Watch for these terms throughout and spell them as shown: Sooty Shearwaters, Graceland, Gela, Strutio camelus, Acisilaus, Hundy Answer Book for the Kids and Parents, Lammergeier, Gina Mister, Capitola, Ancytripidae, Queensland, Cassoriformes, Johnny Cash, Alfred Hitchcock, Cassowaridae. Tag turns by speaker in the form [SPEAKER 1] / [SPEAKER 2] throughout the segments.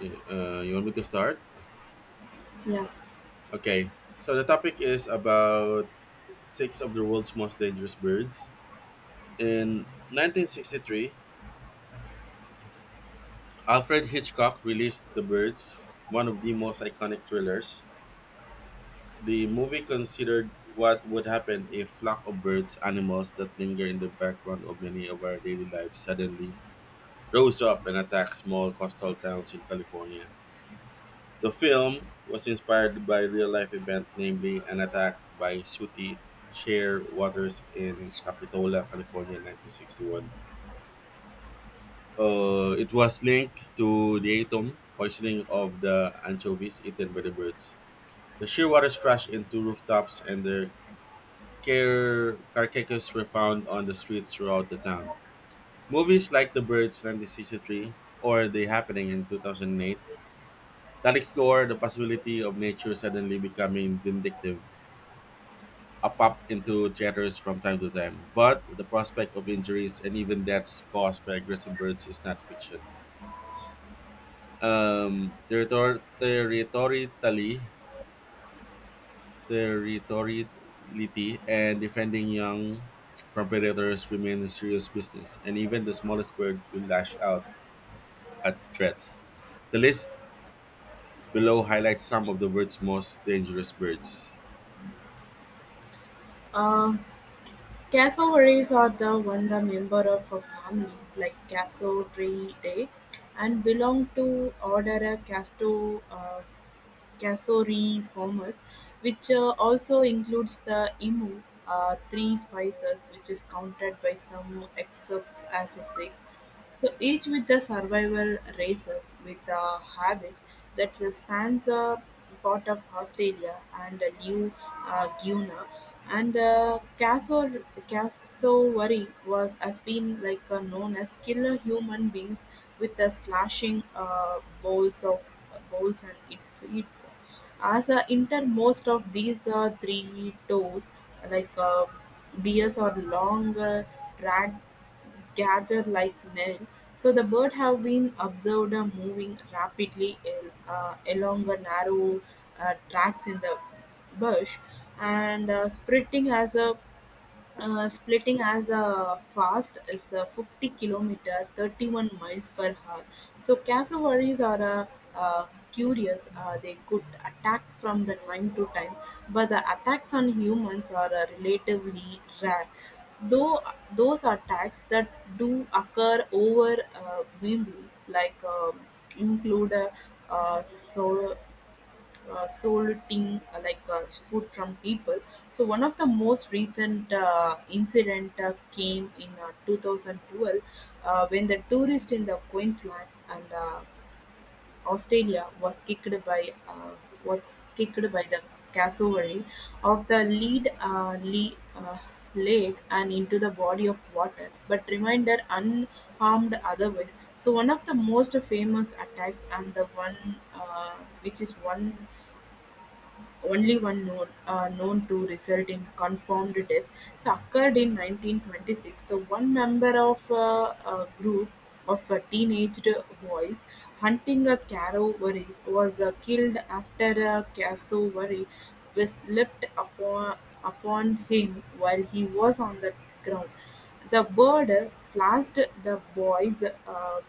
[SPEAKER 1] You want me to start?
[SPEAKER 2] Yeah,
[SPEAKER 1] Okay. So the topic is about six of the world's most dangerous birds. In 1963, Alfred Hitchcock released The Birds, one of the most iconic thrillers. The movie considered what would happen if flock of birds, animals that linger in the background of many of our daily lives, suddenly rose up and attacked small coastal towns in California. The film was inspired by a real life event, namely an attack by Sooty Shearwaters in Capitola, California, in 1961. It was linked to the atom poisoning of the anchovies eaten by the birds. The shearwaters crashed into rooftops, and their carcasses were found on the streets throughout the town. Movies like The Birds (1963) or The Happening in 2008 that explore the possibility of nature suddenly becoming vindictive a pop into theaters from time to time, but the prospect of injuries and even deaths caused by aggressive birds is not fiction. Territor- territorially, territoriality and defending young from predators remain a serious business, and even the smallest bird will lash out at threats. The list below highlights some of the world's most dangerous birds.
[SPEAKER 2] Uh, Cassowaries are the member of a family, like Cassowaridae, and belong to order a Casto Cassoriformes, which also includes the emu, three species, which is counted by some excerpts as a six. So each with the survival races with the habits that spans a part of Australia and a New Guinea. And cassowary was has been like known as killer human beings with the slashing bowls of bowls, and it feeds as a intermost of these three toes like bears are long dragged gather like Nell. So the bird have been observed moving rapidly along a narrow tracks in the bush, and spreading as a splitting as a fast is a 50 kilometer 31 miles per hour. So cassowaries are uh, curious. They could attack from the time to time, but the attacks on humans are relatively rare, though those attacks that do occur over mainly, like, include uh, so soliciting, like, food from people. So one of the most recent incident came in 2012, when the tourist in the Queensland and Australia was kicked by the cassowary of the lead and into the body of water, but remained unharmed otherwise. So one of the most famous attacks, and the one, uh, which is one only one known, are known to result in confirmed death, so occurred in 1926. The one member of a group of teenaged boys hunting a cassowary was killed after a cassowary was upon him while he was on the ground. The bird slashed the boy's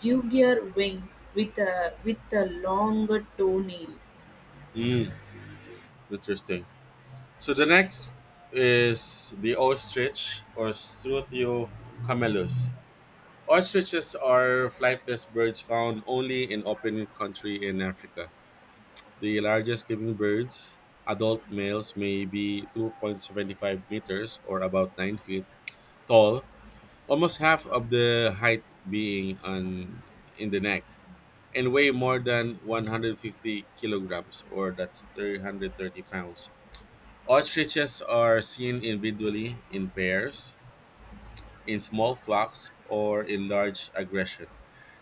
[SPEAKER 2] jugular vein with a long toenail.
[SPEAKER 1] Mm, interesting. So the next is the ostrich or Strutio camelus. Ostriches are flightless birds found only in open country in Africa. The largest living birds, adult males may be 2.75 meters or about 9 feet tall, almost half of the height being in the neck, and weigh more than 150 kilograms or that's 330 pounds. Ostriches are seen individually, in pairs, in small flocks, or in large aggression,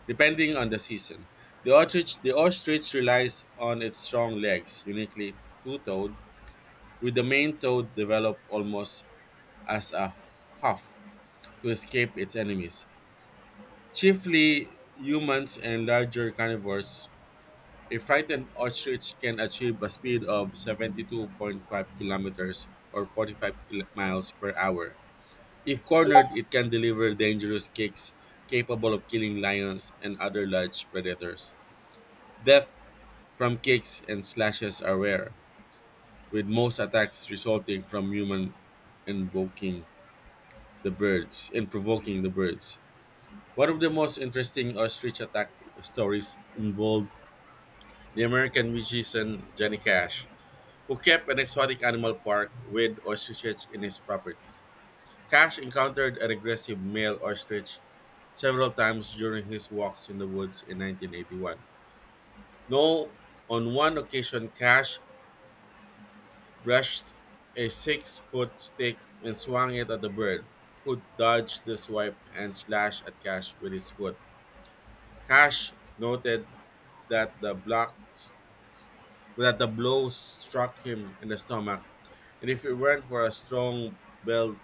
[SPEAKER 1] depending on the season. The ostrich relies on its strong legs, uniquely two-toed, with the main toe developed almost as a hoof to escape its enemies. Chiefly humans and larger carnivores, a frightened ostrich can achieve a speed of 72.5 kilometers or 45 miles per hour. If cornered, it can deliver dangerous kicks capable of killing lions and other large predators. Death from kicks and slashes are rare, with most attacks resulting from human invoking the birds and provoking the birds. One of the most interesting ostrich attack stories involved the American musician Johnny Cash, who kept an exotic animal park with ostriches in his property. Cash encountered an aggressive male ostrich several times during his walks in the woods in 1981. No, on one occasion, Cash brushed a 6-foot stick and swung it at the bird, who dodged the swipe and slashed at Cash with his foot. Cash noted that the block that the blow struck him in the stomach, and if it weren't for a strong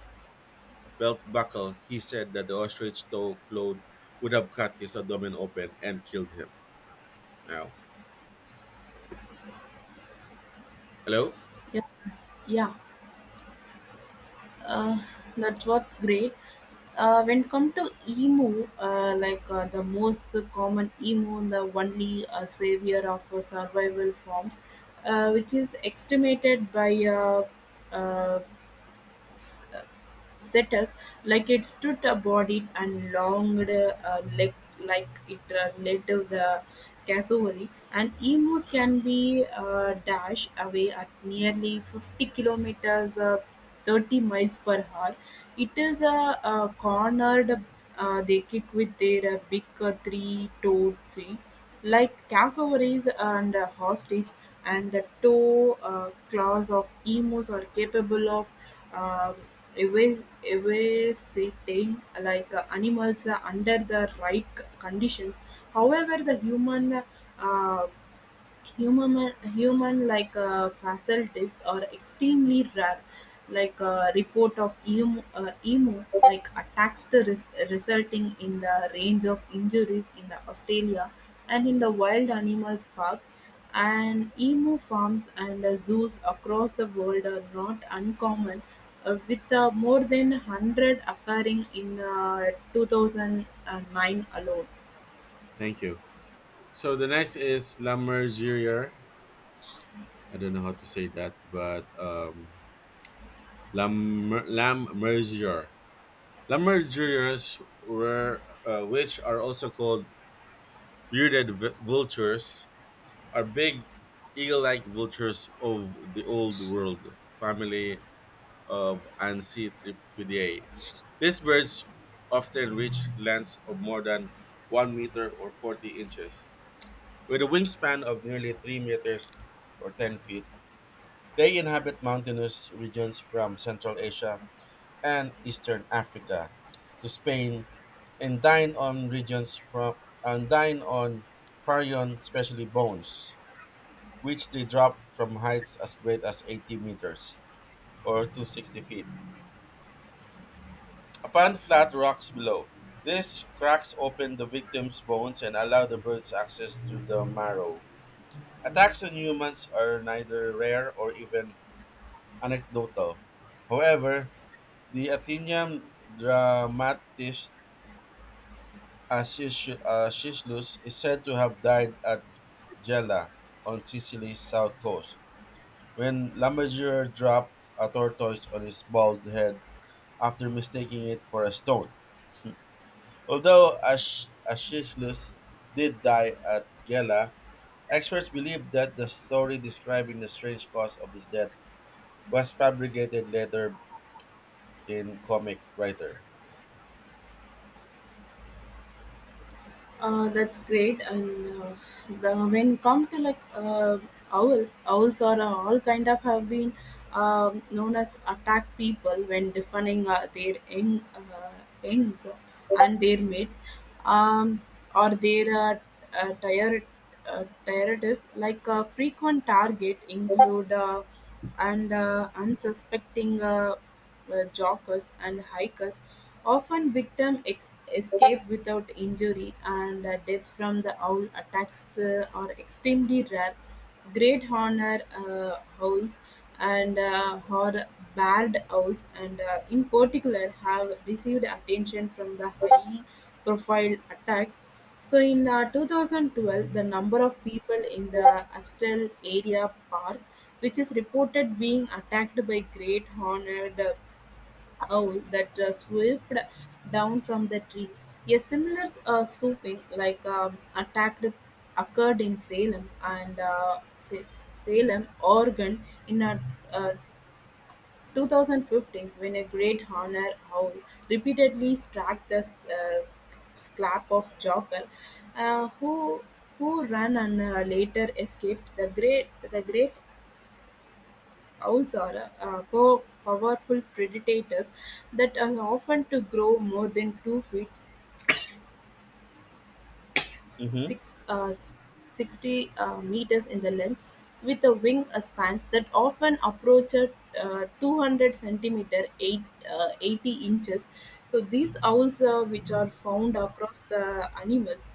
[SPEAKER 1] belt buckle, he said that the ostrich toe clothed would have cut his abdomen open and killed him. Now, hello?
[SPEAKER 2] Yeah, yeah. uh, that was great. When come to emo, like, the most common emo, the only savior of survival forms, which is estimated by uh, setters, like it stood abodied and longed leg, like it led to the cassowary, and emus can be dashed away at nearly 50 kilometers 30 miles per hour. It is a cornered, they kick with their big three-toed feet like cassowaries and a hostage, and the toe claws of emus are capable of um Ev evacuating like animals under the right conditions. However, the uh, human-like facilities are extremely rare, like a report of emu like attacks to resulting in the range of injuries in the Australia and in the wild animals parks. And emu farms and zoos across the world are not uncommon, with more than 100 occurring in 2009 alone.
[SPEAKER 1] Thank you. So the next is Lammergeier. I don't know how to say that, but Lammergeier. Lammergeiers which are also called bearded vultures, are big eagle-like vultures of the old world family of Ancytripidae. These birds often reach lengths of more than 1 meter or 40 inches, with a wingspan of nearly 3 meters or 10 feet. They inhabit mountainous regions from Central Asia and Eastern Africa to Spain and dine on regions from and dine on carrion, especially bones, which they drop from heights as great as 80 meters or 260 feet upon flat rocks below. This cracks open the victim's bones and allow the birds access to the marrow. Attacks on humans are neither rare or even anecdotal. However, the Athenian dramatist Acisilaus is said to have died at Gela on Sicily's south coast when Lammermuir dropped a tortoise on his bald head after mistaking it for a stone. Although Acisilaus did die at Gela, experts believe that the story describing the strange cause of his death was fabricated later in comic writer.
[SPEAKER 2] That's great. And when come to, like, owls, or all kind of, have been known as attack people when defining their youngs and their mates, um, or their uh, tired tiredness. Like, frequent target include, and, unsuspecting, joggers, and hikers. Often victim escape without injury, and deaths from the owl attacks are extremely rare. Great horned owls, and or barred owls, and in particular, have received attention from the high-profile attacks. So in 2012, the number of people in the Astel area park, which is reported being attacked by great horned owl that swooped down from the tree. A similar swooping, like, attack occurred in Salem, Salem, Oregon, in uh, 2015, when a great honour owl repeatedly struck the scalp of Joker, uh, who who ran and later escaped. The great owls are powerful predators that are often to grow more than 2 feet
[SPEAKER 1] Hmm.
[SPEAKER 2] six, 60 meters in the length, with a wing span that often approaches 200 centimeter, 80 inches. So these owls, which are found across the animals,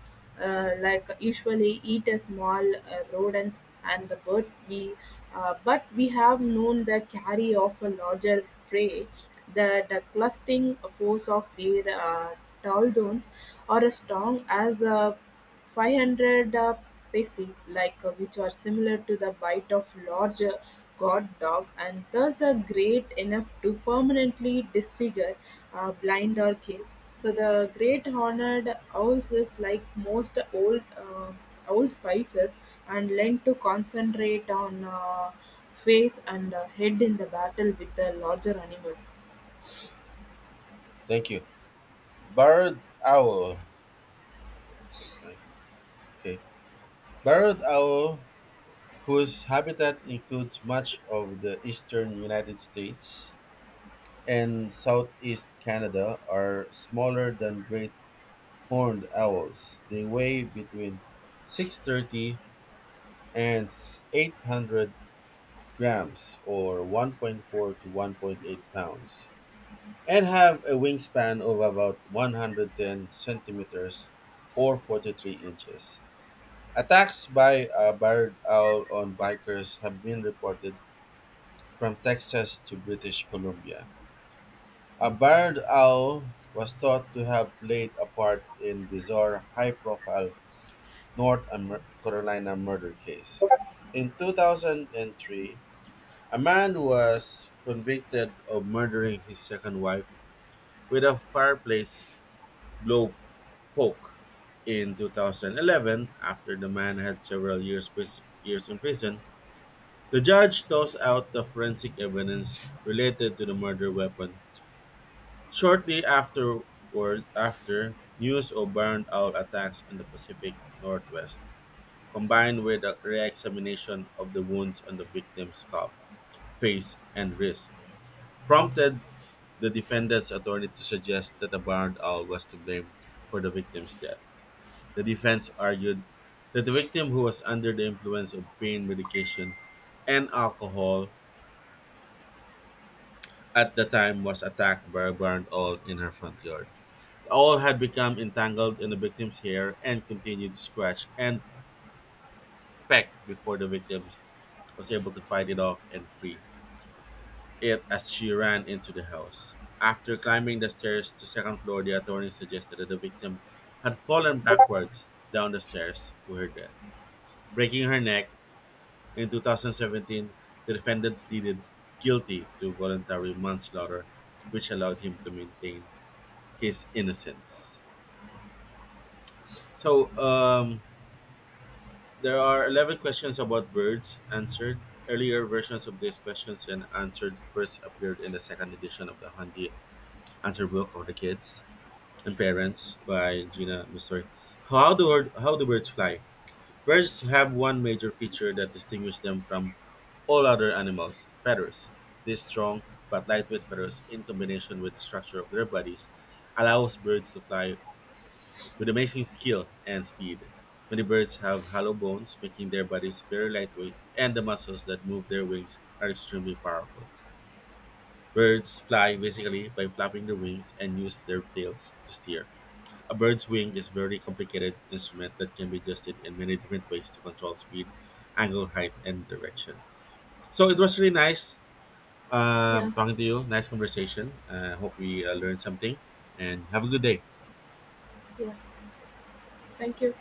[SPEAKER 2] like, usually eat a small rodents and the birds, we but we have known the carry of a larger prey. The clustering force of their tall domes are as strong as a 500 pesi-like, which are similar to the bite of large guard dog, and thus are great enough to permanently disfigure, blind, or kill. So the great horned owls is like most old spices, and learn to concentrate on face and head in the battle with the larger animals.
[SPEAKER 1] Thank you. Barred owl. Okay. Barred owl, whose habitat includes much of the eastern United States and southeast Canada, are smaller than great horned owls. They weigh between 630 and 800 grams, or 1.4 to 1.8 pounds, and have a wingspan of about 110 centimeters or 43 inches. Attacks by a barred owl on bikers have been reported from Texas to British Columbia. A barred owl was thought to have played a part in bizarre high-profile North Carolina murder case. In 2003, a man was convicted of murdering his second wife with a fireplace blow poke. In 2011, after the man had several years, years in prison. The judge tossed out the forensic evidence related to the murder weapon. Shortly afterward, after news of barn owl attacks on the Pacific Northwest, combined with a re-examination of the wounds on the victim's scalp, face, and wrist, prompted the defendant's attorney to suggest that the barn owl was to blame for the victim's death. The defense argued that the victim, who was under the influence of pain medication and alcohol, at the time was attacked by a barn owl in her front yard. The owl had become entangled in the victim's hair and continued to scratch and peck before the victim was able to fight it off and free it as she ran into the house. After climbing the stairs to second floor, the attorney suggested that the victim had fallen backwards down the stairs to her death, breaking her neck. In 2017, the defendant pleaded guilty to voluntary manslaughter, which allowed him to maintain his innocence. So there are 11 questions about birds answered. Earlier versions of these questions and answered first appeared in the second edition of the Hundy Answer Book for the Kids and Parents by Gina Mister. How do birds fly? Birds have one major feature that distinguishes them from all other animals: feathers. These strong but lightweight feathers, in combination with the structure of their bodies, allows birds to fly. With amazing skill and speed, many birds have hollow bones, making their bodies very lightweight, and the muscles that move their wings are extremely powerful. Birds fly basically by flapping their wings and use their tails to steer. A bird's wing is a very complicated instrument that can be adjusted in many different ways to control speed, angle, height, and direction. So it was really nice
[SPEAKER 2] Yeah,
[SPEAKER 1] talking to you. Nice conversation. I hope we learned something. And have a good day.
[SPEAKER 2] yeah. Thank you.